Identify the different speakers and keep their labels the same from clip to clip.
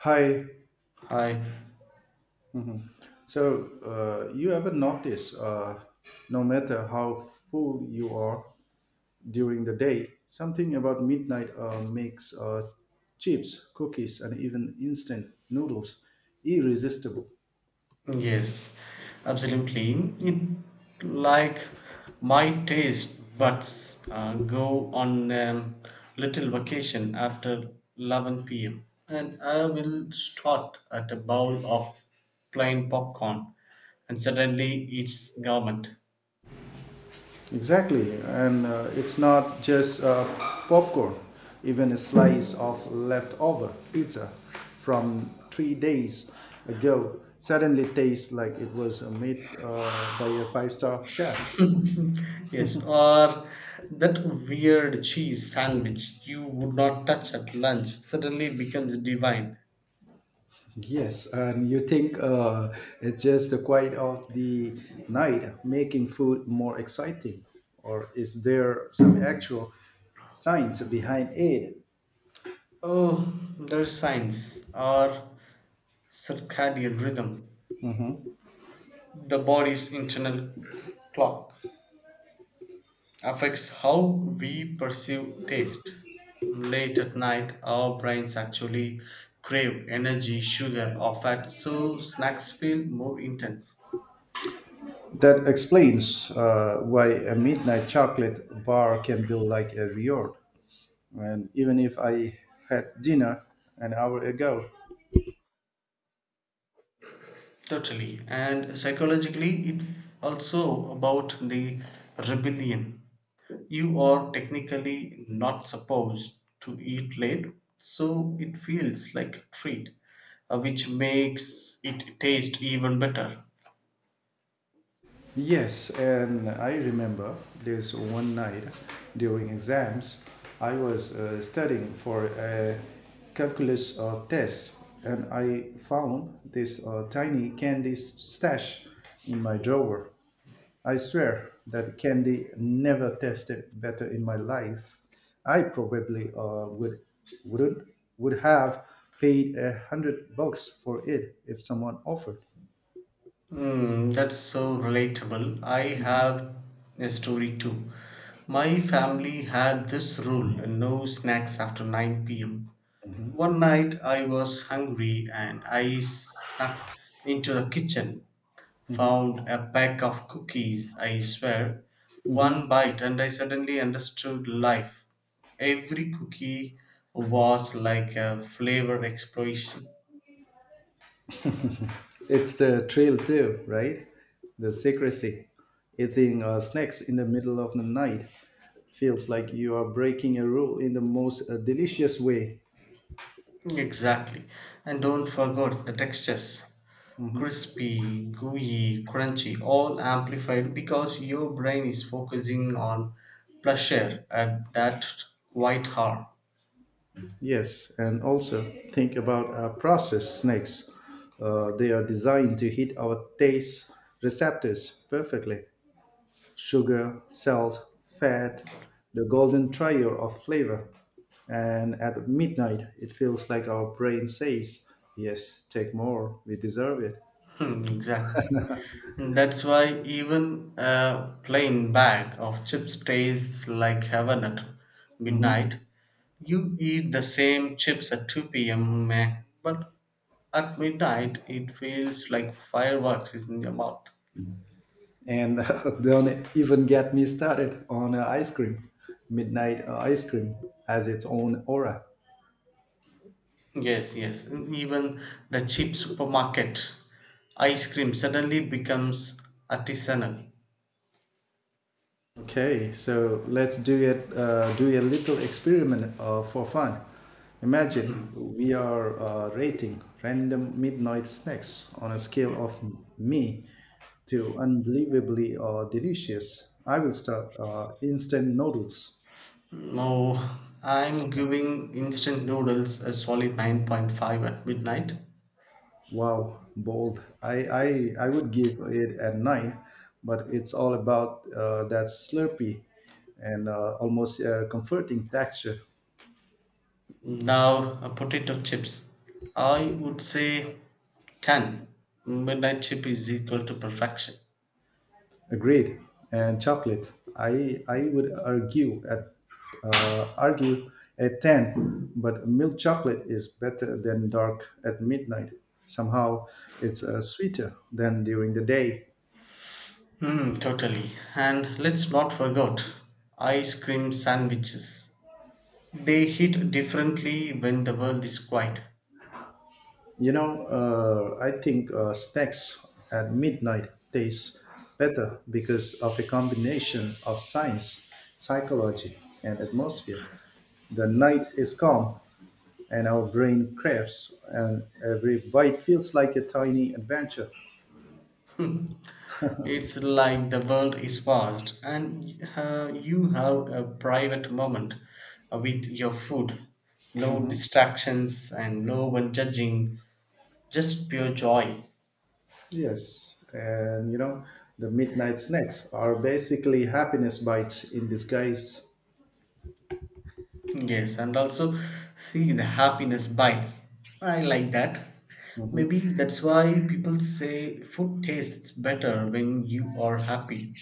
Speaker 1: Hi.
Speaker 2: Hi.
Speaker 1: So, you ever notice, no matter how full you are during the day, something about midnight makes chips, cookies, and even instant noodles irresistible.
Speaker 2: Yes, absolutely. It like my taste buds go on little vacation after 11 p.m., and I will start at a bowl of plain popcorn, and suddenly it's government.
Speaker 1: Exactly. And it's not just popcorn, even a slice of leftover pizza from 3 days ago suddenly tastes like it was made by a five-star chef.
Speaker 2: Yes, or that weird cheese sandwich you would not touch at lunch suddenly becomes divine.
Speaker 1: Yes, and you think it's just the quiet of the night making food more exciting, or is there some actual science behind it
Speaker 2: Oh, there's science. Or circadian rhythm, the body's internal clock, affects how we perceive taste. Late at night, our brains actually crave energy, sugar, or fat, so snacks feel more intense.
Speaker 1: that explains why a midnight chocolate bar can be like a reward? And even if I had dinner an hour ago,
Speaker 2: Totally. And psychologically, it's also about the rebellion. You are technically not supposed to eat late, so it feels like a treat, which makes it taste even better.
Speaker 1: yes, and I remember this one night during exams, I was studying for a calculus test, and I found this tiny candy stash in my drawer. I swear that candy never tasted better in my life. I probably would wouldn't would have paid $100 for it if someone offered.
Speaker 2: Hmm, that's so relatable. I have a story too. My family had this rule no snacks after 9 pm. One night I was hungry and I snuck into the kitchen, found a pack of cookies, I swear, one bite, and I suddenly understood life. Every cookie was like a flavor explosion.
Speaker 1: It's the thrill too, right? The secrecy. Eating snacks in the middle of the night feels like you are breaking a rule in the most delicious way.
Speaker 2: Exactly. And don't forget the textures crispy, gooey, crunchy, all amplified because your brain is focusing on pleasure at that quite hard.
Speaker 1: Yes, and also think about processed snacks. They are designed to hit our taste receptors perfectly. Sugar, salt, fat, the golden trio of flavor. And at midnight, it feels like our brain says, "Yes, take more, we deserve it."
Speaker 2: Hmm, exactly. That's why even a plain bag of chips tastes like heaven at midnight. You eat the same chips at 2 p.m., meh, but at midnight it feels like fireworks is in your mouth.
Speaker 1: And don't even get me started on ice cream. Midnight ice cream has its own aura.
Speaker 2: Yes, yes, and even the cheap supermarket ice cream suddenly becomes artisanal.
Speaker 1: Okay, so let's do it. Do a little experiment for fun. Imagine
Speaker 2: Hmm.
Speaker 1: we are rating random midnight snacks on a scale of me to unbelievably delicious. I will start instant noodles.
Speaker 2: No, I'm giving instant noodles a solid 9.5 at midnight.
Speaker 1: Wow, bold. I would give it a nine, but it's all about that slurpy and almost comforting texture.
Speaker 2: Now, potato chips. I would say 10. Midnight chip is equal to perfection.
Speaker 1: Agreed. And chocolate. I would argue uh, argue at ten, but milk chocolate is better than dark at midnight. Somehow, it's sweeter than during the day.
Speaker 2: Hmm, totally. And let's not forget ice cream sandwiches. They hit differently when the world is quiet.
Speaker 1: You know, I think snacks at midnight taste better because of a combination of science, psychology, and atmosphere. The night is calm and our brain craves, and every bite feels like a tiny adventure.
Speaker 2: It's like the world is paused, and you have a private moment with your food. No
Speaker 1: Mhm.
Speaker 2: distractions and no one judging, just pure joy.
Speaker 1: Yes, and you know, the midnight snacks are basically happiness bites in disguise.
Speaker 2: Yes, and also see the happiness bites. I like that. Maybe
Speaker 1: Mhm.
Speaker 2: that's why people say food tastes better when you are happy.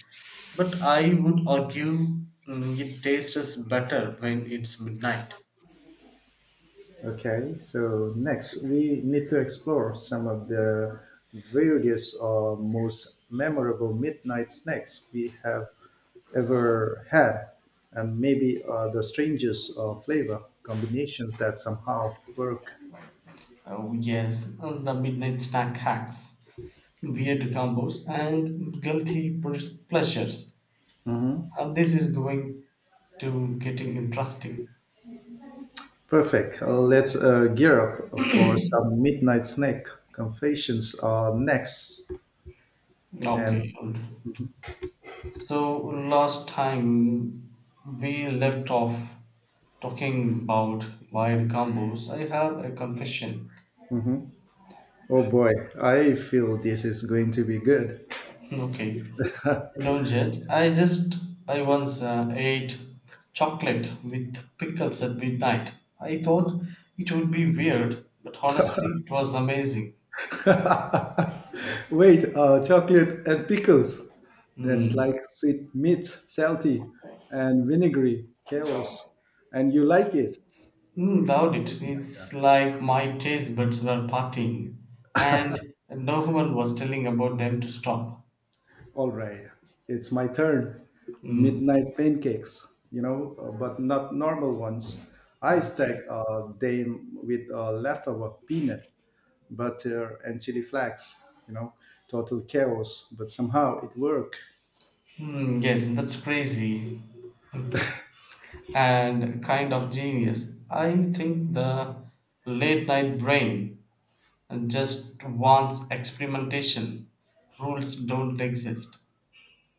Speaker 2: But I would argue it tastes better when it's midnight.
Speaker 1: Okay, so next we need to explore some of the various or most memorable midnight snacks we have ever had, and maybe the strangest flavor combinations that somehow work.
Speaker 2: Oh, yes, and the midnight snack hacks, weird combos, and guilty pleasures.
Speaker 1: Mhm.
Speaker 2: This is going to getting interesting.
Speaker 1: Perfect. Let's gear up for some midnight snack confessions next.
Speaker 2: Okay,
Speaker 1: And
Speaker 2: good. So, last time we left off talking about wide combos. I have a confession.
Speaker 1: oh boy, I feel this is going to be good.
Speaker 2: Okay, don't judge. I once ate chocolate with pickles at midnight. I thought it would be weird, but honestly, it was amazing.
Speaker 1: Wait, chocolate and pickles. That's
Speaker 2: Mm.
Speaker 1: like sweet meats, salty and vinegary, chaos. And you like it?
Speaker 2: Mm, doubt it. It's like my taste buds were partying, and no one was telling about them to stop.
Speaker 1: All right, it's my turn.
Speaker 2: Mm.
Speaker 1: Midnight pancakes, you know, but not normal ones. I stack
Speaker 2: Okay.
Speaker 1: them with leftover peanut butter and chili flakes, you know, total chaos, but somehow it works.
Speaker 2: Hmm, yes, that's crazy and kind of genius. I think the late night brain just wants experimentation. Rules don't exist.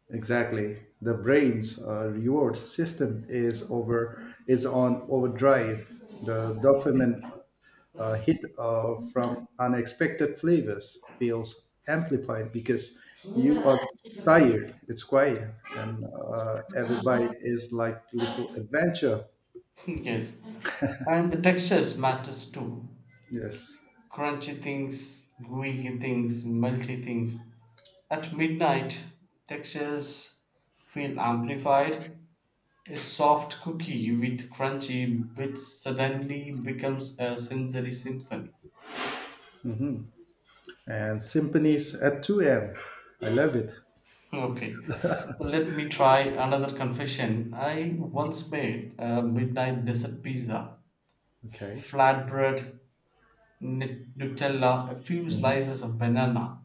Speaker 1: Exactly. The brain's reward system is over is on overdrive. The dopamine hit from unexpected flavors feels amplified because you are tired. It's quiet, and every bite is like little adventure.
Speaker 2: Yes, and the textures matters too.
Speaker 1: Yes,
Speaker 2: Crunchy things, gooey things, melty things. At midnight, textures feel amplified. A soft cookie with crunchy bits suddenly becomes a sensory symphony.
Speaker 1: and symphonies at 2 a.m., love it.
Speaker 2: Okay, let me try another confession. I once made a midnight dessert pizza,
Speaker 1: Okay.
Speaker 2: flatbread, Nutella, a few
Speaker 1: Mm-hmm.
Speaker 2: slices of banana,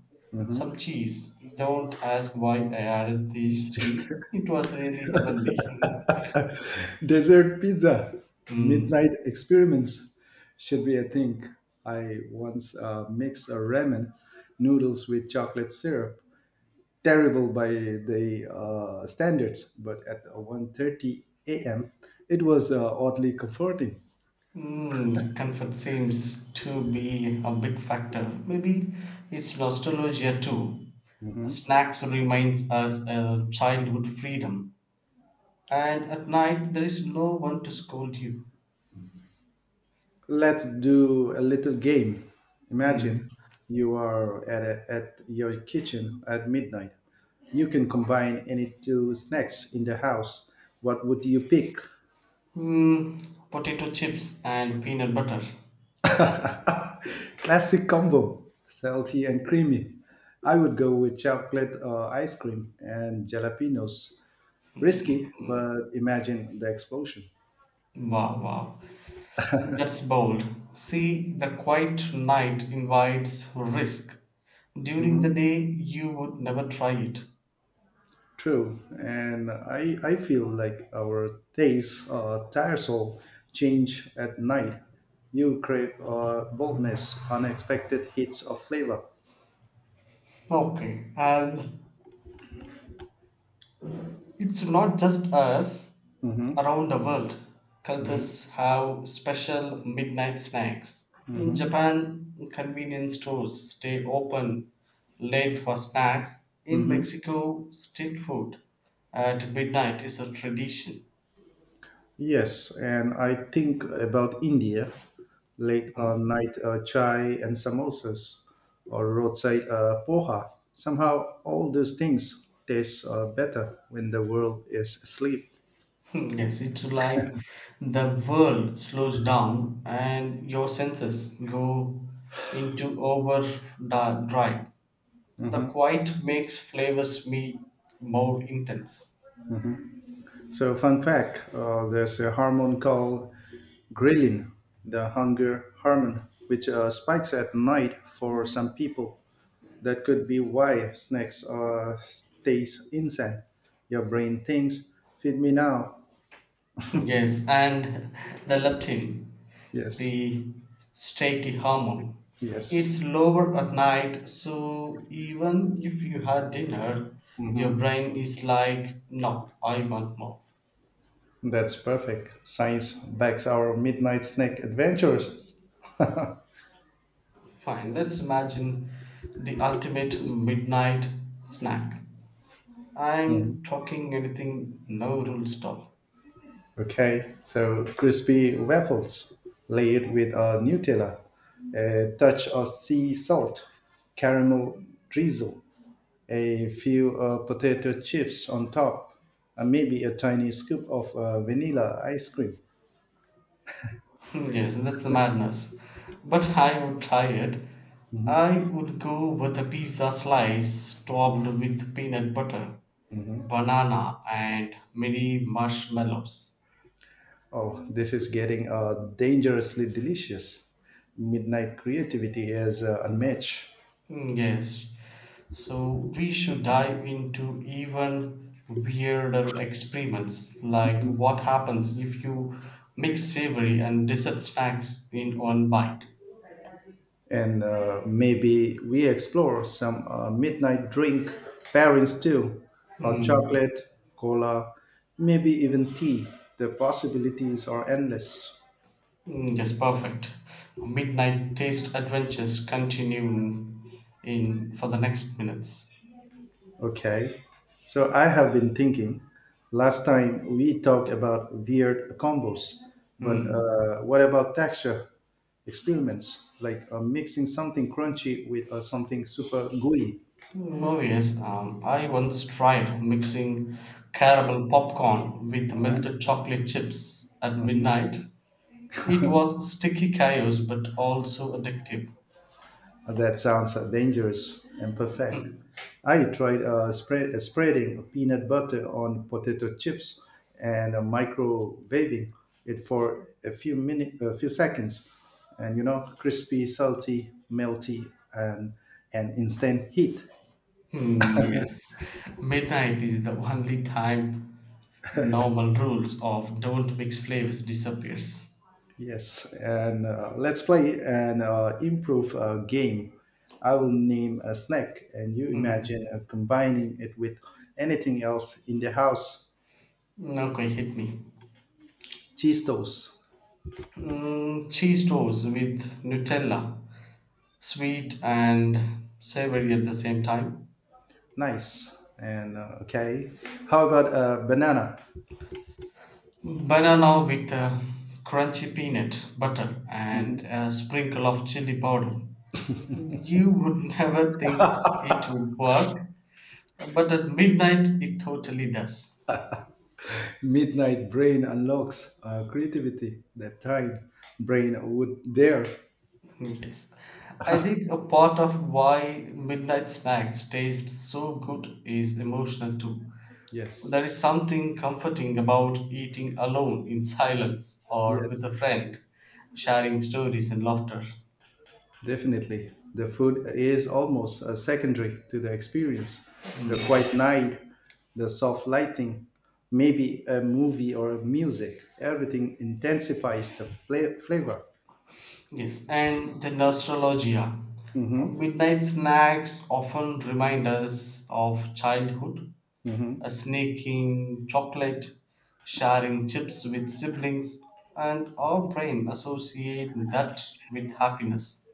Speaker 2: some cheese. Don't ask why I added these cheese. It was really heavenly.
Speaker 1: Desert pizza,
Speaker 2: Mm.
Speaker 1: midnight experiments should be a thing. I once mixed a ramen noodles with chocolate syrup. Terrible by the standards, but at 1:30 a.m., it was oddly comforting.
Speaker 2: Mm, comfort seems to be a big factor. Maybe it's nostalgia too. Snacks reminds us of childhood freedom, and at night there is no one to scold you.
Speaker 1: Let's do a little game.
Speaker 2: Hmm.
Speaker 1: Imagine you are at your kitchen at midnight. You can combine any two snacks in the house. What would you pick?
Speaker 2: Hmm, potato chips and peanut butter.
Speaker 1: Classic combo, salty and creamy. I would go with chocolate ice cream and jalapenos. Risky, but imagine the explosion.
Speaker 2: Wow, wow, that's bold. See, the quiet night invites risk. During the
Speaker 1: Mhm.
Speaker 2: day, you would never try it.
Speaker 1: True, and I feel like our tastes tires all change at night. You crave boldness, unexpected hits of flavor.
Speaker 2: Okay, and it's not just us.
Speaker 1: Hmm.
Speaker 2: Around the world,
Speaker 1: Hmm.
Speaker 2: cultures have special midnight snacks. In Japan, convenience stores stay open late for snacks. In
Speaker 1: Hmm.
Speaker 2: Mexico, street food at midnight is a tradition.
Speaker 1: Yes, and I think about India, late
Speaker 2: Mm.
Speaker 1: on night chai and samosas, or roadside poha. Somehow, all those things taste better when the world is asleep.
Speaker 2: Yes, it's like the world slows down and your senses go into overdrive. The quiet makes flavors me more intense.
Speaker 1: So, fun fact: there's a hormone called ghrelin, the hunger hormone, which spikes at night for some people. That could be why snacks taste insane. Your brain thinks, "Feed me now."
Speaker 2: Yes, and the leptin,
Speaker 1: Yes.
Speaker 2: the satiety hormone.
Speaker 1: Yes.
Speaker 2: It's lower at night, so even if you had dinner, your
Speaker 1: Hmm.
Speaker 2: brain is like, no, I want more.
Speaker 1: That's perfect. Science backs our midnight snack adventures.
Speaker 2: Fine, let's imagine the ultimate midnight snack. I'm talking anything, no rules at all.
Speaker 1: Okay. So crispy waffles layered with a Nutella, a touch of sea salt, caramel drizzle, a few potato chips on top, and maybe a tiny scoop of vanilla ice cream.
Speaker 2: Hmm, yes, that's madness. But I would try it. I would go with a pizza slice topped with peanut butter, banana, and mini marshmallows.
Speaker 1: Oh, this is getting dangerously delicious. Midnight creativity is unmatched.
Speaker 2: Mm, yes, so we should dive into even weirder experiments like what happens if you mix savory and dessert snacks in one bite.
Speaker 1: And maybe we explore some midnight drink pairings too, hot
Speaker 2: Hmm.
Speaker 1: chocolate, cola, maybe even tea. The possibilities are endless.
Speaker 2: Mm, yes, perfect. Midnight taste adventures continue in for the next minutes.
Speaker 1: Okay, so I have been thinking. Last time we talked about weird combos, but
Speaker 2: Mm.
Speaker 1: what about texture experiments, like mixing something crunchy with something super gooey?
Speaker 2: Mm, oh yes, I once tried mixing caramel popcorn with melted chocolate chips at midnight. It was sticky chaos, but also addictive.
Speaker 1: That sounds dangerous and perfect. I tried spreading peanut butter on potato chips and microwaving it for a few seconds, and you know, crispy, salty, melty, and instant heat.
Speaker 2: Hmm, yes, midnight is the only time normal rules of don't mix flavors disappears.
Speaker 1: Yes, and let's play an improve game. I will name a snack, and you imagine
Speaker 2: Mm.
Speaker 1: combining it with anything else in the house.
Speaker 2: Okay, hit me.
Speaker 1: Cheese toast.
Speaker 2: Mm, cheese toast with Nutella, sweet and savory at the same time.
Speaker 1: Nice. And okay. How about banana?
Speaker 2: Banana with a crunchy peanut butter and
Speaker 1: Mhm.
Speaker 2: a sprinkle of chili powder. You would never think it would work, but at midnight it totally does.
Speaker 1: Midnight Brain unlocks creativity that time brain would dare.
Speaker 2: Yes. I think a part of why midnight snacks taste so good is emotional too. There
Speaker 1: Yes.
Speaker 2: is something comforting about eating alone in silence or with
Speaker 1: Yes.
Speaker 2: a friend, sharing stories and laughter.
Speaker 1: Definitely. The food is almost secondary to the experience. The
Speaker 2: Mm.
Speaker 1: quiet night, the soft lighting, maybe a movie or music. Everything intensifies the flavor.
Speaker 2: Yes, and the nostalgia.
Speaker 1: Mm-hmm.
Speaker 2: Midnight snacks often remind us of childhood, a
Speaker 1: Mm-hmm.
Speaker 2: sneaking chocolate, sharing chips with siblings, and our brain associate that with happiness.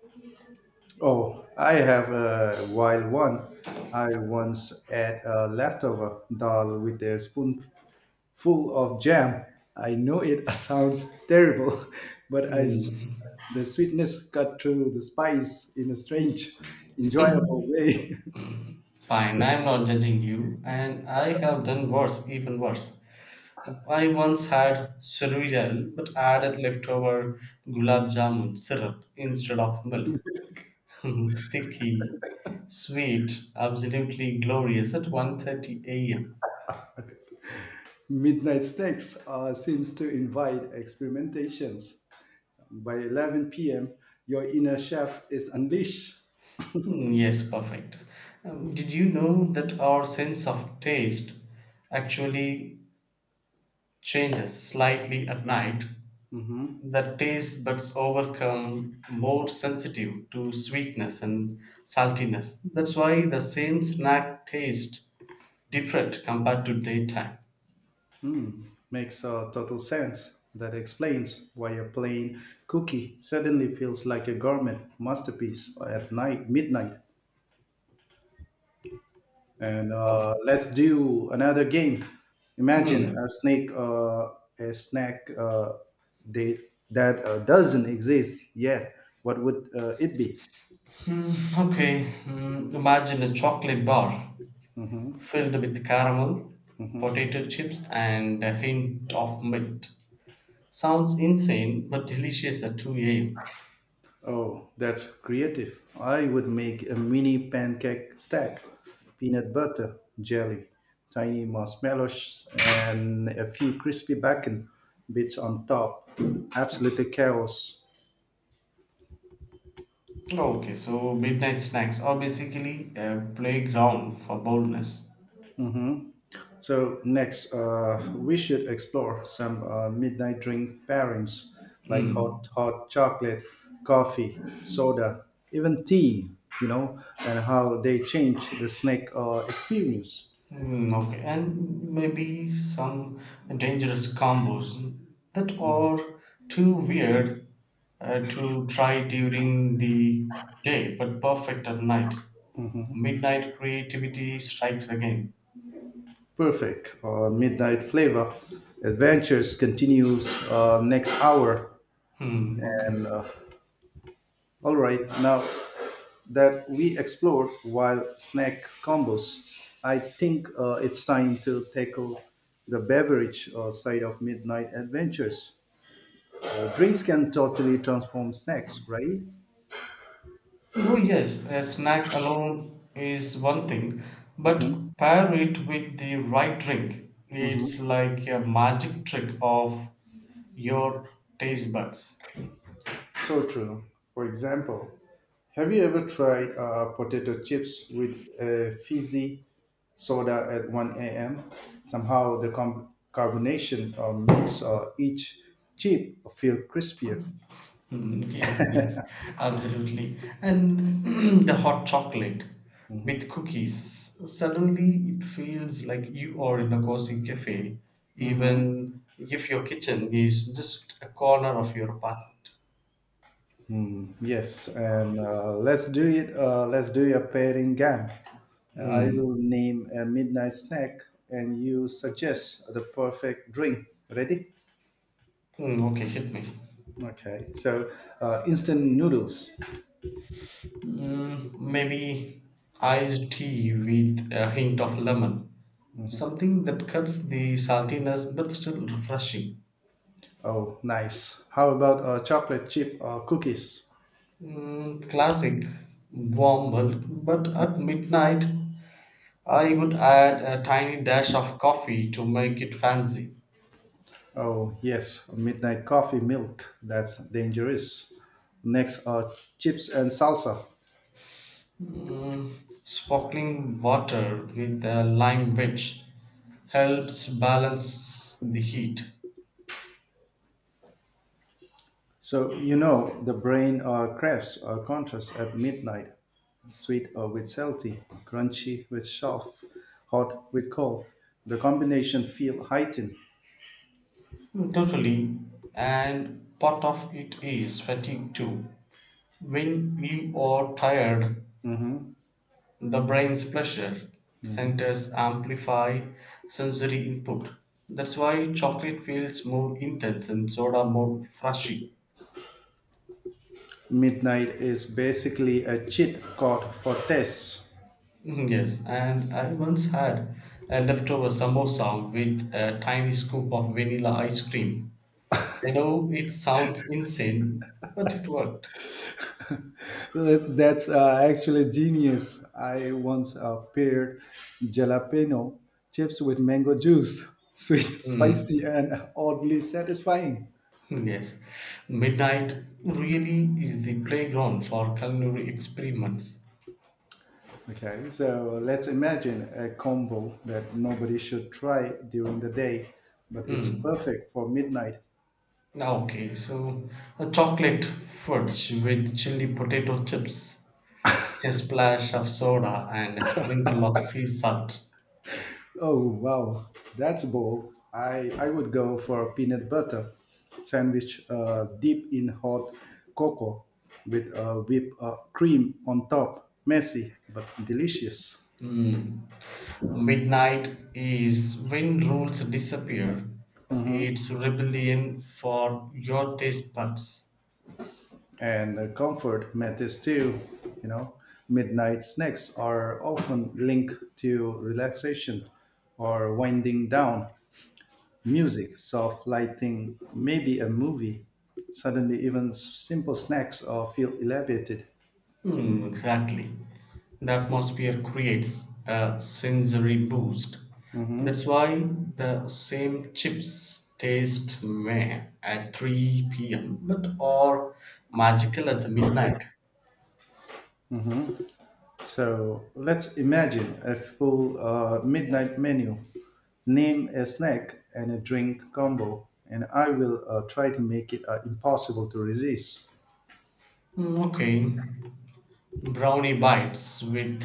Speaker 1: Oh, I have a wild one. I once ate a leftover dal with a spoonful of jam. I know it sounds terrible, but
Speaker 2: Hmm.
Speaker 1: the sweetness cut through the spice in a strange, enjoyable way.
Speaker 2: Fine, I'm not judging you, and I have done worse, even worse. I once had cereal but added leftover gulab jamun syrup instead of milk. Sticky, sweet, absolutely glorious at 1:30 a.m.
Speaker 1: Midnight snacks seems to invite experimentations. By 11 p.m., your inner chef is unleashed.
Speaker 2: Mm, yes, perfect. Did you know that our sense of taste actually changes slightly at night?
Speaker 1: Mhm.
Speaker 2: The taste buds overcome more sensitive to sweetness and saltiness. That's why the same snack taste different compared to daytime
Speaker 1: Makes total sense. That explains why a plain cookie suddenly feels like a gourmet masterpiece at night, midnight. And
Speaker 2: coffee.
Speaker 1: let's do another game. Imagine
Speaker 2: Hmm.
Speaker 1: a snake, a snack that that doesn't exist yet. What would it be?
Speaker 2: Hmm, okay. Hmm. Imagine a chocolate bar filled with caramel, potato chips, and a hint of mint. Sounds insane, but delicious at 2 a.m.
Speaker 1: Oh, that's creative. I would make a mini pancake stack, peanut butter, jelly, tiny marshmallows, and a few crispy bacon bits on top. Absolutely chaos.
Speaker 2: Okay, so midnight snacks are basically a playground for boldness.
Speaker 1: Hmm. So, next, we should explore some midnight drink pairings like
Speaker 2: Hmm.
Speaker 1: hot chocolate, coffee, soda, even tea, you know, and how they change the snack experience.
Speaker 2: Mm, okay, and maybe some dangerous combos that are too weird to try during the day but perfect at night. Midnight creativity strikes again.
Speaker 1: Perfect. Midnight Flavor Adventures continues next hour.
Speaker 2: Hmm, okay.
Speaker 1: And all right, now that we explored wild snack combos, I think it's time to tackle the beverage side of Midnight Adventures. Drinks can totally transform snacks, right?
Speaker 2: No, yes, a snack alone is one thing,
Speaker 1: Hmm.
Speaker 2: but pair it with the right drink. It's
Speaker 1: Hmm.
Speaker 2: like a magic trick of your taste buds.
Speaker 1: So true. For example, have you ever tried potato chips with a fizzy soda at 1 a.m.? Somehow the carbonation makes each chip feel crispier.
Speaker 2: Mm, yes, yes, absolutely. And the hot chocolate with
Speaker 1: Mhm.
Speaker 2: cookies, suddenly it feels like you are in a cozy cafe,
Speaker 1: Mhm.
Speaker 2: even if your kitchen is just a corner of your apartment.
Speaker 1: Mm, yes, and let's do it. Let's do a pairing game. I
Speaker 2: Mm,
Speaker 1: will name a midnight snack, and you suggest the perfect drink. Ready?
Speaker 2: mm, okay, hit me.
Speaker 1: Okay. So, instant noodles.
Speaker 2: Mm, maybe iced tea with a hint of lemon, something that cuts the saltiness but still refreshing.
Speaker 1: Oh, nice. How about chocolate chip cookies?
Speaker 2: Mm, classic warm milk, but at midnight I would add a tiny dash of coffee to make it fancy.
Speaker 1: Oh, yes, midnight coffee milk. That's dangerous. Next, chips and salsa.
Speaker 2: Mm, sparkling water with a lime wedge helps balance the heat.
Speaker 1: So, you know, the brain craves contrast at midnight, sweet with salty, crunchy with soft, hot with cold. The combination feel heightened.
Speaker 2: Mm, totally, and part of it is fatigue too. When you are tired,
Speaker 1: Mhm.
Speaker 2: the brain's pleasure centers amplify sensory input. That's why chocolate feels more intense and soda more flashy.
Speaker 1: Midnight is basically a cheat code for taste.
Speaker 2: Mm, yes, and I once had a leftover samosa with a tiny scoop of vanilla ice cream. I know it sounds insane, but it worked.
Speaker 1: That's actually genius. I once paired jalapeno chips with mango juice. Sweet, spicy,
Speaker 2: Mm,
Speaker 1: and oddly satisfying.
Speaker 2: yes, midnight really is the playground for culinary experiments.
Speaker 1: Okay, so let's imagine a combo that nobody should try during the day, but it's
Speaker 2: Mm.
Speaker 1: perfect for midnight.
Speaker 2: Ah, okay, so a chocolate fudge with chili potato chips, a splash of soda, and a sprinkle of sea salt.
Speaker 1: Oh wow, that's bold. I would go for a peanut butter sandwich, deep in hot cocoa, with whipped cream on top. Messy but delicious,
Speaker 2: Mm. Midnight is when rules disappear. It's rebellion for your taste buds.
Speaker 1: and comfort matters too. You know, midnight snacks are often linked to relaxation or winding down. Music, soft lighting, maybe a movie. Suddenly, even simple snacks feel elevated.
Speaker 2: Hmm, exactly. The atmosphere creates a sensory boost. That's why the same chips taste meh at 3 p.m. but are magical at the midnight.
Speaker 1: So let's imagine a full midnight menu. Name a snack and a drink combo, and I will try to make it impossible to resist.
Speaker 2: Hmm, okay. Brownie bites with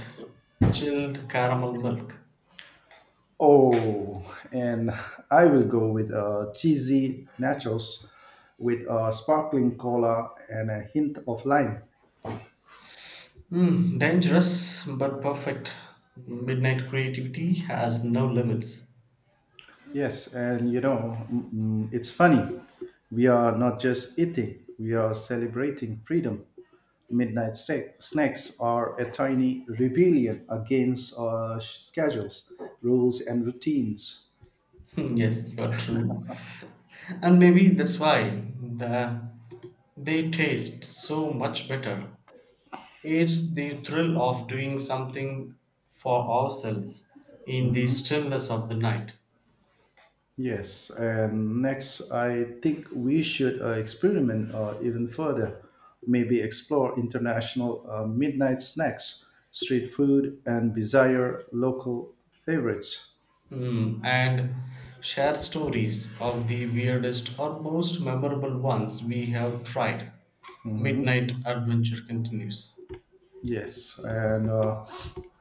Speaker 2: chilled caramel milk.
Speaker 1: Oh, and I will go with cheesy nachos with sparkling cola and a hint of lime.
Speaker 2: Hmm, dangerous but perfect. Midnight creativity has no limits.
Speaker 1: Yes, and you know, it's funny. We are not just eating, we are celebrating freedom. Snacks are a tiny rebellion against our schedules, rules, and routines.
Speaker 2: Hmm, yes, you are true. And maybe that's why the they taste so much better. It's the thrill of doing something for ourselves in the stillness of the night.
Speaker 1: Yes, and next, I think we should experiment even further. Maybe explore international midnight snacks, street food, and desire local favorites.
Speaker 2: Hmm, and share stories of the weirdest or most memorable ones we have tried.
Speaker 1: Mhm.
Speaker 2: Midnight Adventure continues.
Speaker 1: Yes, and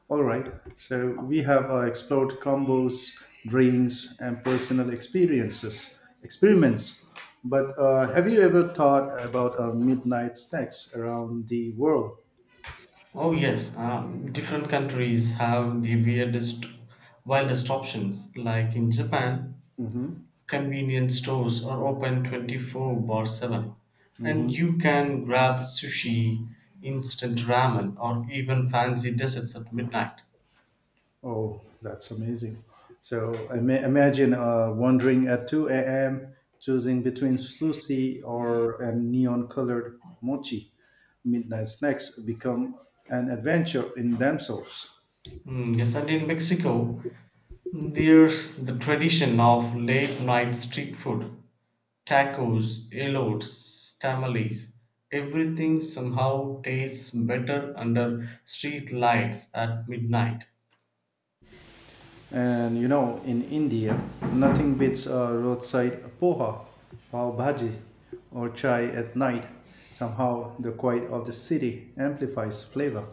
Speaker 1: all right. So we have explored combos, dreams, and personal experiences, experiments. But have you ever thought about midnight snacks around the world?
Speaker 2: Oh yes, different countries have the weirdest, wildest options. Like in Japan,
Speaker 1: Mm-hmm.
Speaker 2: convenience stores are open 24 bar 7, and
Speaker 1: Mm-hmm.
Speaker 2: you can grab sushi, instant ramen, or even fancy desserts at midnight.
Speaker 1: Oh, that's amazing. So imagine wandering at 2 a.m., choosing between sushi or a neon colored mochi. Midnight snacks become an adventure in themselves.
Speaker 2: Mm, yes, and in Mexico, there's the tradition of late night street food. Tacos, elotes, tamales, everything somehow tastes better under street lights at midnight.
Speaker 1: And you know, in India, nothing beats a roadside poha, pav bhaji, or chai at night. Somehow, the quiet of the city amplifies flavor.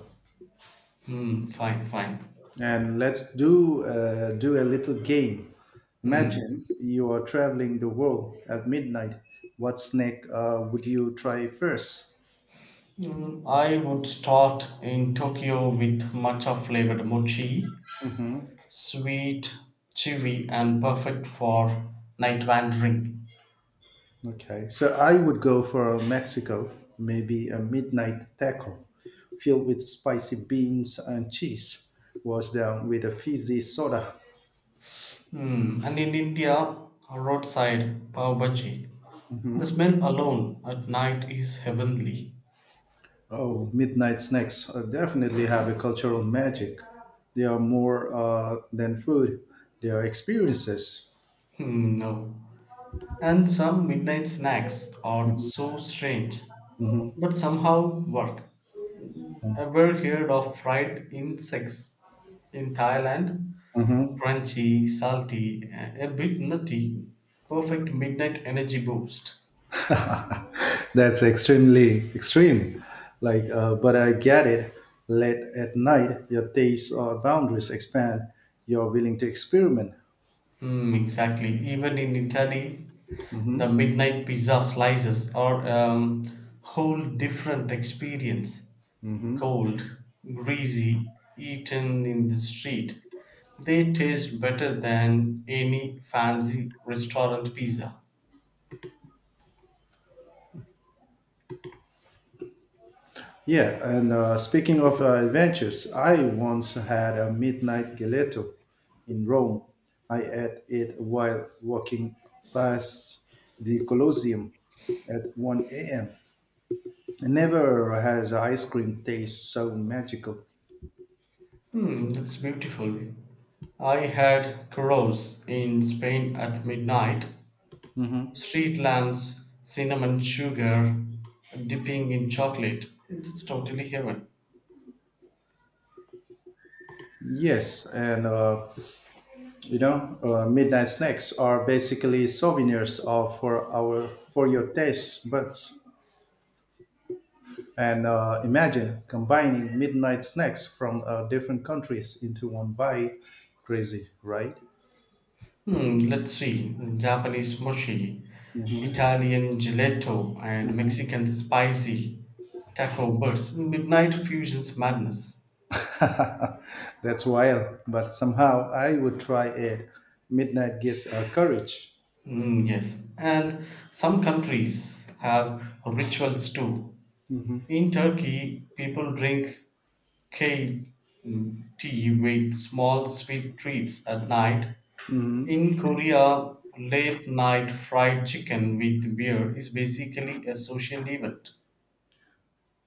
Speaker 2: Hmm, fine, fine.
Speaker 1: And let's do a little game.
Speaker 2: Hmm.
Speaker 1: Imagine you are traveling the world at midnight. What snack would you try first?
Speaker 2: Mm, I would start in Tokyo with matcha flavored mochi, sweet, chewy, and perfect for night wandering.
Speaker 1: Okay, so I would go for a Mexico, maybe a midnight taco filled with spicy beans and cheese, washed down with a fizzy soda.
Speaker 2: Hmm. And in India, roadside pav bhaji. The
Speaker 1: Mhm.
Speaker 2: smell alone at night is heavenly.
Speaker 1: Oh, midnight snacks definitely have a cultural magic. They are more than food, they are experiences.
Speaker 2: Hmm, no. And some midnight snacks are so strange,
Speaker 1: Mhm.
Speaker 2: but somehow work. Ever heard of fried insects in Thailand?
Speaker 1: Mhm.
Speaker 2: Crunchy, salty, a bit nutty. Perfect midnight energy boost.
Speaker 1: That's extremely extreme. Like, but I get it. Late at night, your taste boundaries expand. You're willing to experiment.
Speaker 2: Hmm, exactly. Even in Italy, the
Speaker 1: Mhm.
Speaker 2: midnight pizza slices are a whole different experience.
Speaker 1: Hmm.
Speaker 2: Cold, greasy, eaten in the street. They taste better than any fancy restaurant pizza.
Speaker 1: Yeah, and speaking of adventures, I once had a midnight gelato in Rome. I ate it while walking past the Colosseum at 1 a.m. Never has ice cream taste so magical.
Speaker 2: Hmm, that's beautiful. I had churros in Spain at midnight,
Speaker 1: Mhm.
Speaker 2: street lamps, cinnamon sugar, dipping in chocolate. It's totally heaven.
Speaker 1: Yes, and you know, midnight snacks are basically souvenirs of for our for your taste buds. And imagine combining midnight snacks from different countries into one bite. Crazy, right?
Speaker 2: Hmm, let's see. Japanese mochi, Italian gelato, and Mexican spicy taco burst. Midnight fusion's madness.
Speaker 1: That's wild, but somehow I would try it. Midnight gives courage.
Speaker 2: Mm, yes, and some countries have rituals too. In Turkey, people drink kale tea with small sweet treats at night. In Korea, late night fried chicken with beer is basically a social event.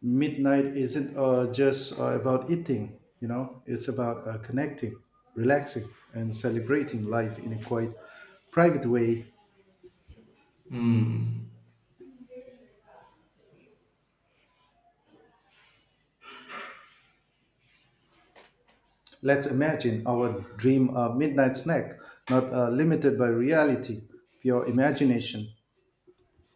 Speaker 1: Midnight isn't just about eating, you know, it's about connecting, relaxing, and celebrating life in a quite private way.
Speaker 2: Mm.
Speaker 1: Let's imagine our dream midnight snack, not limited by reality, pure imagination.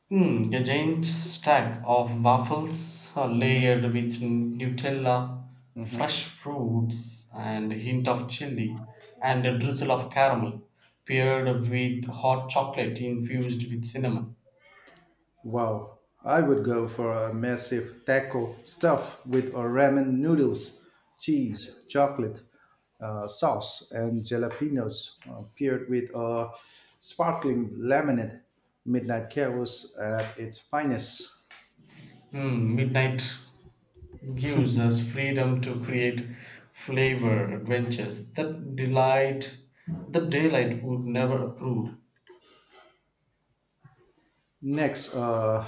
Speaker 2: A giant stack of waffles are layered with Nutella, fresh fruits, and a hint of chili, and a drizzle of caramel, paired with hot chocolate infused with cinnamon.
Speaker 1: Wow, I would go for a massive taco stuffed with a ramen noodles, cheese, chocolate, sauce, and jalapenos, paired with a sparkling lemonade. Midnight chaos at its finest.
Speaker 2: Midnight gives us freedom to create flavor adventures that delight that daylight would never approve.
Speaker 1: Next,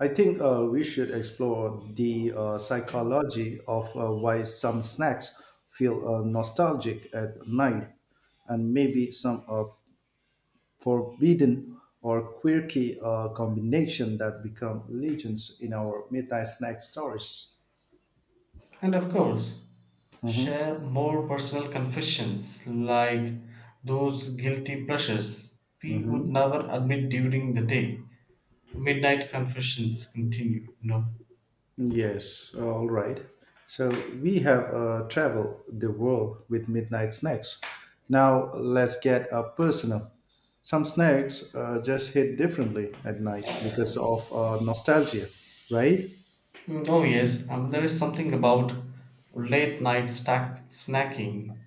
Speaker 1: I think we should explore the psychology of why some snacks feel nostalgic at night, and maybe some forbidden or quirky combination that become legends in our midnight snack stories.
Speaker 2: And of course,
Speaker 1: Hmm.
Speaker 2: share more personal confessions, like those guilty pleasures we would
Speaker 1: Hmm.
Speaker 2: never admit during the day. Midnight confessions continue. No.
Speaker 1: Yes, all right. So we have traveled the world with midnight snacks. Now let's get personal. Some snacks just hit differently at night because of nostalgia, right?
Speaker 2: No, yes, there is something about late night stack snacking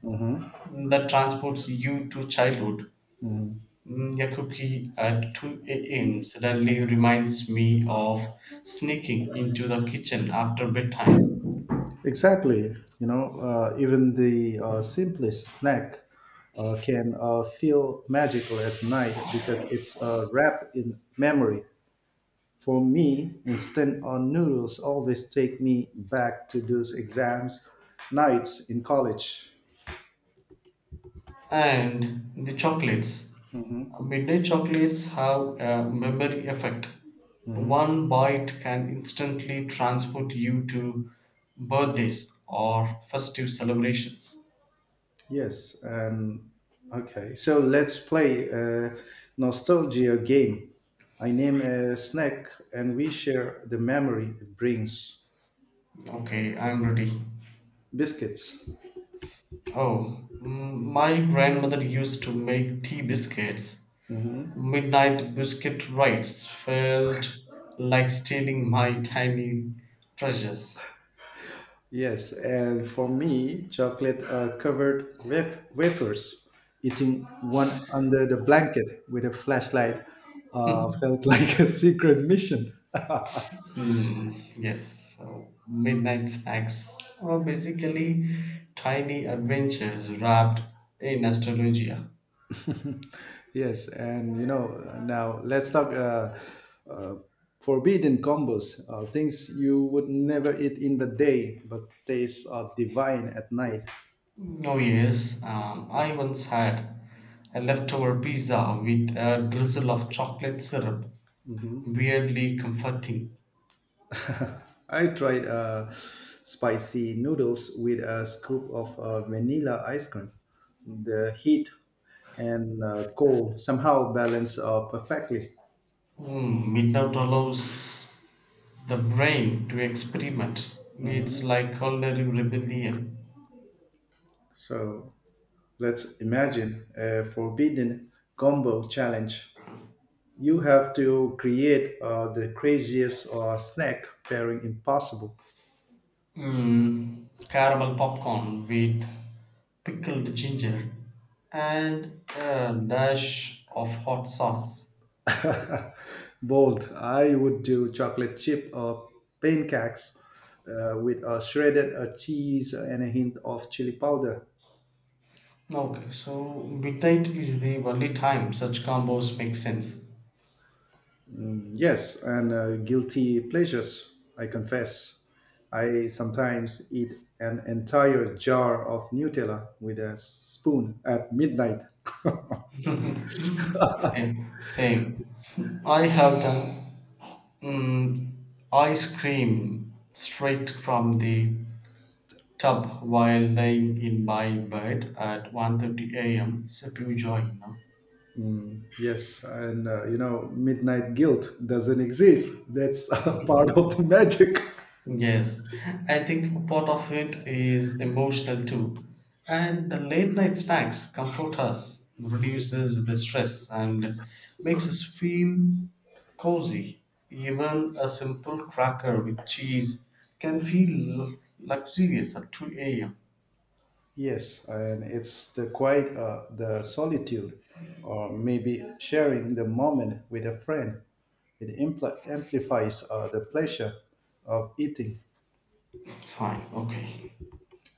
Speaker 2: that transports you to childhood.
Speaker 1: Mhm.
Speaker 2: A cookie at 2 a.m. suddenly reminds me of sneaking into the kitchen after bedtime.
Speaker 1: Exactly. You know, even the simplest snack can feel magical at night because it's wrapped in memory. For me, instant noodles always take me back to those exams nights in college.
Speaker 2: And the chocolates. Midnight chocolates have a memory effect. One bite can instantly transport you to birthdays or festive celebrations.
Speaker 1: Yes, and okay. So let's play a nostalgia game. I name a snack and we share the memory it brings.
Speaker 2: Okay, I'm ready.
Speaker 1: Biscuits.
Speaker 2: Oh, my grandmother used to make tea biscuits. Midnight biscuit rites felt like stealing my tiny treasures.
Speaker 1: Yes, and for me, chocolate are covered wafers. Eating one under the blanket with a flashlight felt like a secret mission.
Speaker 2: Yes, so midnight snacks are basically tiny adventures wrapped in astrologia.
Speaker 1: Yes, and you know, now let's talk uh, forbidden combos, things you would never eat in the day but taste are divine at night.
Speaker 2: Oh yes, I once had a leftover pizza with a drizzle of chocolate syrup. Weirdly comforting.
Speaker 1: I tried spicy noodles with a scoop of vanilla ice cream. The heat and cold somehow balance perfectly.
Speaker 2: Midnight allows the brain to experiment. It's like culinary rebellion.
Speaker 1: So let's imagine a forbidden combo challenge. You have to create the craziest snack pairing impossible.
Speaker 2: Caramel popcorn with pickled ginger and a dash of hot sauce.
Speaker 1: Bold. I would do chocolate chip or pancakes with a shredded cheese and a hint of chili powder.
Speaker 2: Okay, so midnight is the only time such combos make sense.
Speaker 1: Mm, yes, and guilty pleasures, I confess. I sometimes eat an entire jar of Nutella with a spoon at midnight.
Speaker 2: Same, same. I have done, mm, ice cream straight from the tub while lying in my bed at 1:30 a.m. So pure joy, you know.
Speaker 1: Mm, yes, and you know, midnight guilt doesn't exist. That's part of the magic.
Speaker 2: Yes, I think part of it is emotional too. And the late night snacks comfort us, reduces the stress, and makes us feel cozy. Even a simple cracker with cheese can feel luxurious at 2 a.m.
Speaker 1: Yes, and it's the quiet, the solitude, or maybe sharing the moment with a friend. It amplifies the pleasure of eating.
Speaker 2: Fine, okay.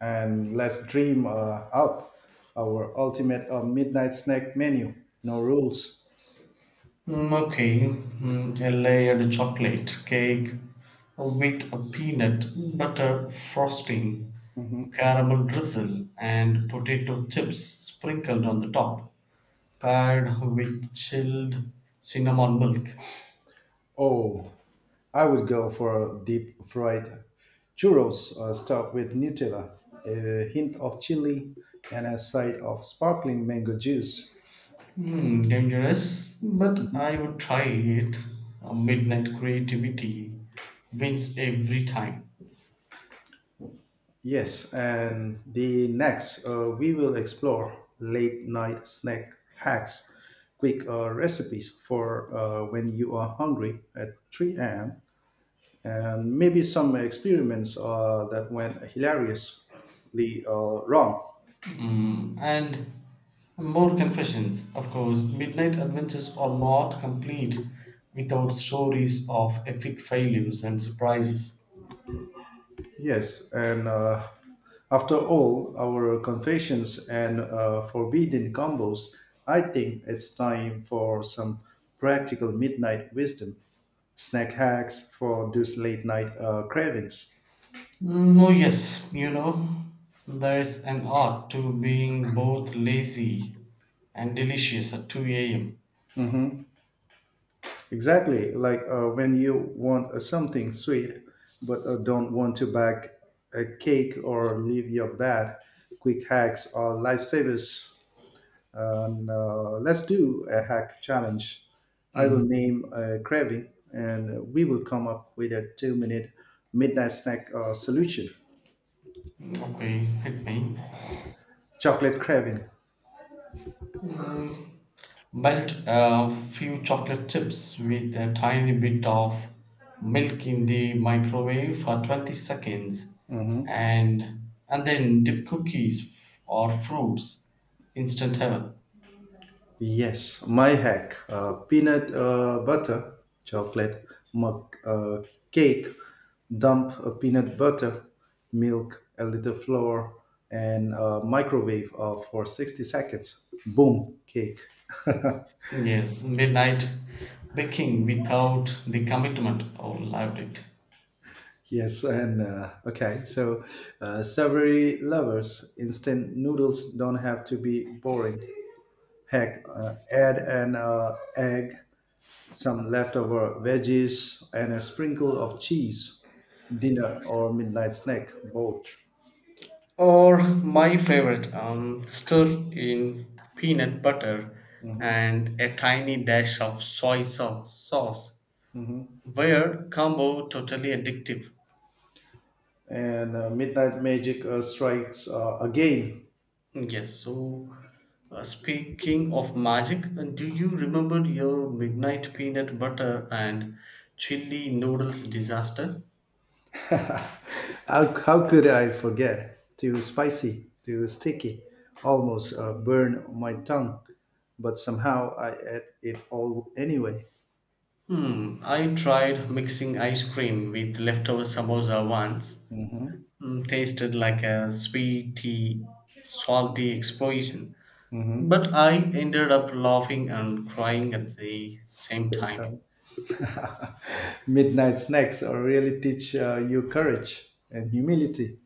Speaker 1: And let's dream up our ultimate midnight snack menu. No rules.
Speaker 2: Okay, a layered chocolate cake with a peanut butter frosting,
Speaker 1: Mhm.
Speaker 2: caramel drizzle, and potato chips sprinkled on the top, paired with chilled cinnamon milk.
Speaker 1: Oh, I would go for deep fried churros, stuffed with Nutella, a hint of chili, and a side of sparkling mango juice.
Speaker 2: Dangerous, but I would try it. Midnight creativity wins every time.
Speaker 1: Yes, and the next, we will explore late night snack hacks, quick recipes for when you are hungry at 3 a.m., and maybe some experiments that went hilariously wrong.
Speaker 2: And more confessions, of course. Midnight adventures are not complete without stories of epic failures and surprises.
Speaker 1: Yes, and after all our confessions and forbidden combos, I think it's time for some practical midnight wisdom. Snack hacks for those late night cravings.
Speaker 2: No, yes, you know, there's an art to being both lazy and delicious at 2 a.m.
Speaker 1: Hmm. Exactly, like when you want something sweet but don't want to bake a cake or leave your bed, quick hacks are lifesavers. And let's do a hack challenge. I will
Speaker 2: Mm,
Speaker 1: name a craving, and we will come up with a 2-minute midnight snack solution.
Speaker 2: okay, hit me.
Speaker 1: Chocolate craving.
Speaker 2: Mm, Melt a few chocolate chips with a tiny bit of milk in the microwave for 20 seconds,
Speaker 1: Mhm.
Speaker 2: and then dip cookies or fruits, instant heaven.
Speaker 1: Yes, my hack: peanut butter, chocolate, mug, cake, dump a peanut butter, milk, a little flour, and microwave for 60 seconds. Boom, cake.
Speaker 2: Yes, midnight baking without the commitment. Oh, loved it.
Speaker 1: Yes, and okay, so savory lovers, instant noodles don't have to be boring. Heck, add an egg, some leftover veggies, and a sprinkle of cheese. Dinner or midnight snack, both.
Speaker 2: Or my favorite, stir in peanut butter
Speaker 1: Hmm.
Speaker 2: and a tiny dash of soy sauce. Sauce
Speaker 1: Hmm.
Speaker 2: were combo totally addictive.
Speaker 1: And midnight magic strikes again.
Speaker 2: Yes, so speaking of magic, do you remember your midnight peanut butter and chili noodles disaster?
Speaker 1: How could I forget? Too spicy, too sticky, almost burned my tongue, but somehow I ate it all anyway.
Speaker 2: Hmm, I tried mixing ice cream with leftover samosa once.
Speaker 1: Mm-hmm.
Speaker 2: Hmm, tasted like a sweety, salty explosion.
Speaker 1: Mm-hmm.
Speaker 2: But I ended up laughing and crying at the same
Speaker 1: Same
Speaker 2: time.
Speaker 1: time. Midnight snacks really teach you courage and humility.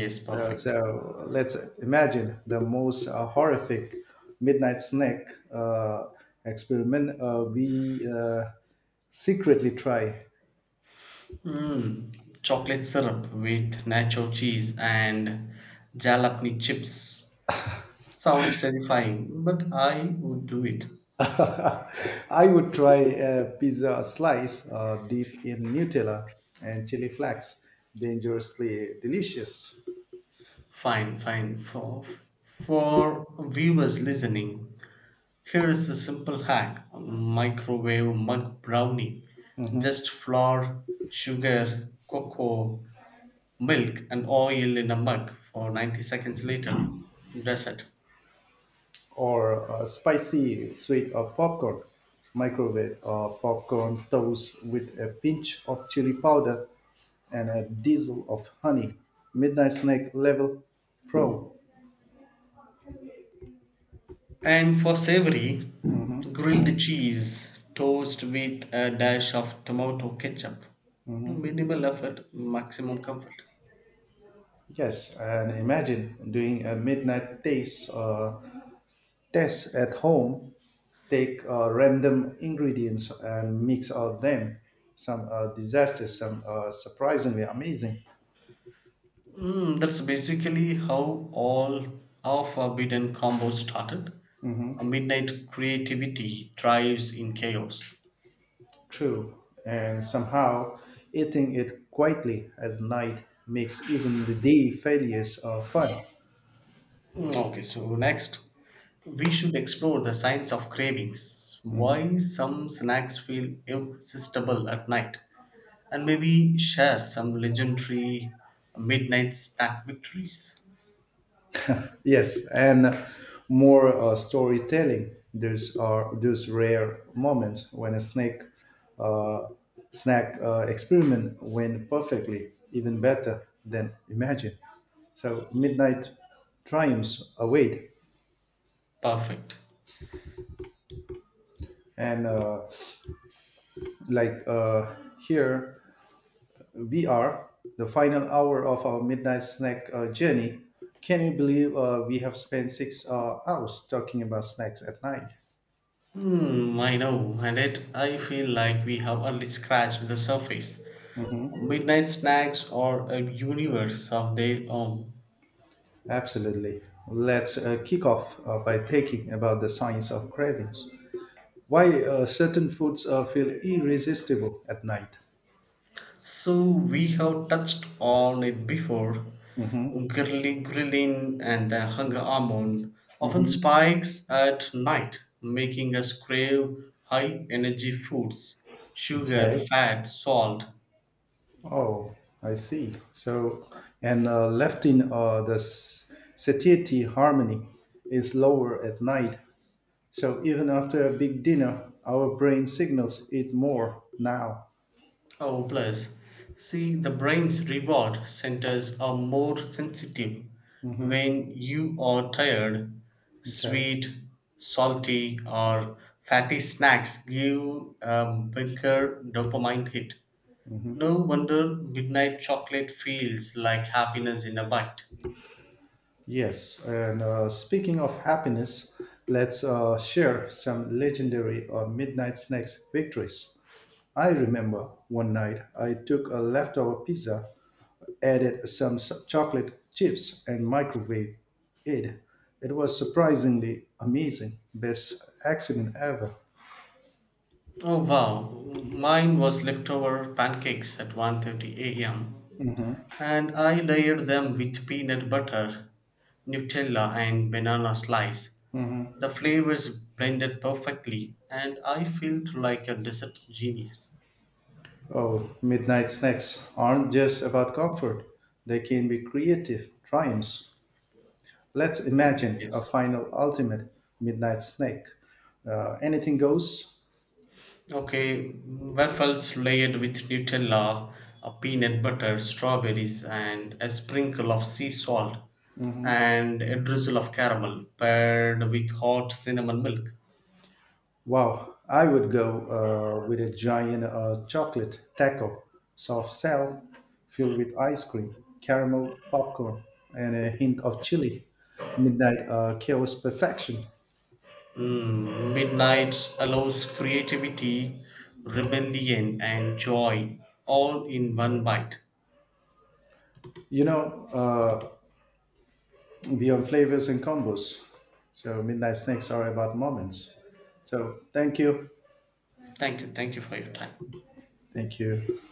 Speaker 2: Yes,
Speaker 1: Uh,
Speaker 2: perfect.
Speaker 1: so let's imagine the most horrific midnight snack uh, experiment we secretly try.
Speaker 2: Chocolate syrup with nacho cheese and jalapeno chips sounds terrifying, but I would do it.
Speaker 1: I would try a pizza slice deep in Nutella and chili flakes, dangerously delicious,
Speaker 2: Fine, fine. For viewers listening, here is a simple hack: microwave mug brownie. Just flour, sugar, cocoa, milk, and oil in a mug for 90 seconds later. Dessert.
Speaker 1: or spicy sweet of popcorn, microwave popcorn toast with a pinch of chili powder and a diesel of honey, midnight snack level pro.
Speaker 2: And for savory, grilled cheese toast with a dash of tomato ketchup. No, minimal effort, maximum comfort.
Speaker 1: Yes, and imagine doing a midnight taste tests at home, take random ingredients and mix out them, some are disasters, some are surprisingly amazing.
Speaker 2: That's basically how all our forbidden combos started. A
Speaker 1: Mhm,
Speaker 2: midnight creativity thrives in chaos.
Speaker 1: true, and somehow eating it quietly at night makes even the day failures fun.
Speaker 2: Okay, so next, we should explore the science of cravings. Why some snacks feel irresistible at night? And maybe share some legendary midnight snack victories.
Speaker 1: Yes, and more storytelling. There's are those rare moments when a snake uh, snack experiment went perfectly, even better than imagined. So midnight triumphs await,
Speaker 2: Perfect.
Speaker 1: and like uh, here we are, the final hour of our midnight snack journey. Can you believe we have spent 6 hours talking about snacks at night?
Speaker 2: Hmm, I know, and yet I feel like we have only scratched the surface. Midnight snacks are a universe of their own.
Speaker 1: Absolutely. Let's kick off by thinking about the science of cravings. Why certain foods feel irresistible at night?
Speaker 2: So we have touched on it before.
Speaker 1: Hmm.
Speaker 2: Grilling and the hunger hormone often
Speaker 1: Hmm.
Speaker 2: spikes at night, making us crave high energy foods, sugar,
Speaker 1: Okay.
Speaker 2: fat, salt.
Speaker 1: Oh, I see. So, and leptin, the satiety harmony, is lower at night. So even after a big dinner, our brain signals it more now.
Speaker 2: Oh, plus, see, the brain's reward centers are more sensitive
Speaker 1: Hmm.
Speaker 2: when you are tired.
Speaker 1: Okay.
Speaker 2: Sweet, salty, or fatty snacks give a bigger dopamine hit. No wonder midnight chocolate feels like happiness in a bite.
Speaker 1: Yes, and speaking of happiness, let's share some legendary midnight snacks victories. I remember one night I took a leftover pizza, added some chocolate chips, and microwave it. It was surprisingly amazing. Best accident ever.
Speaker 2: Oh wow, mine was leftover pancakes at 1:30 a.m.
Speaker 1: Mm-hmm.
Speaker 2: and I layered them with peanut butter, Nutella, and banana slice. The flavors blended perfectly, and I felt like a dessert genius.
Speaker 1: Oh, midnight snacks aren't just about comfort, they can be creative triumphs. Let's imagine a
Speaker 2: Yes.
Speaker 1: final ultimate midnight snake. Anything goes.
Speaker 2: Okay, waffles layered with Nutella, a peanut butter, strawberries, and a sprinkle of sea salt, and a drizzle of caramel, paired with hot cinnamon milk.
Speaker 1: Wow, I would go with a giant chocolate taco, soft shell, filled with ice cream, caramel popcorn, and a hint of chili. Midnight chaos perfection.
Speaker 2: Midnight allows creativity, rebellion, and joy all in one bite.
Speaker 1: You know, beyond flavors and combos. So midnight snakes are about moments. So thank you,
Speaker 2: Thank you. Thank you for your time.
Speaker 1: thank you.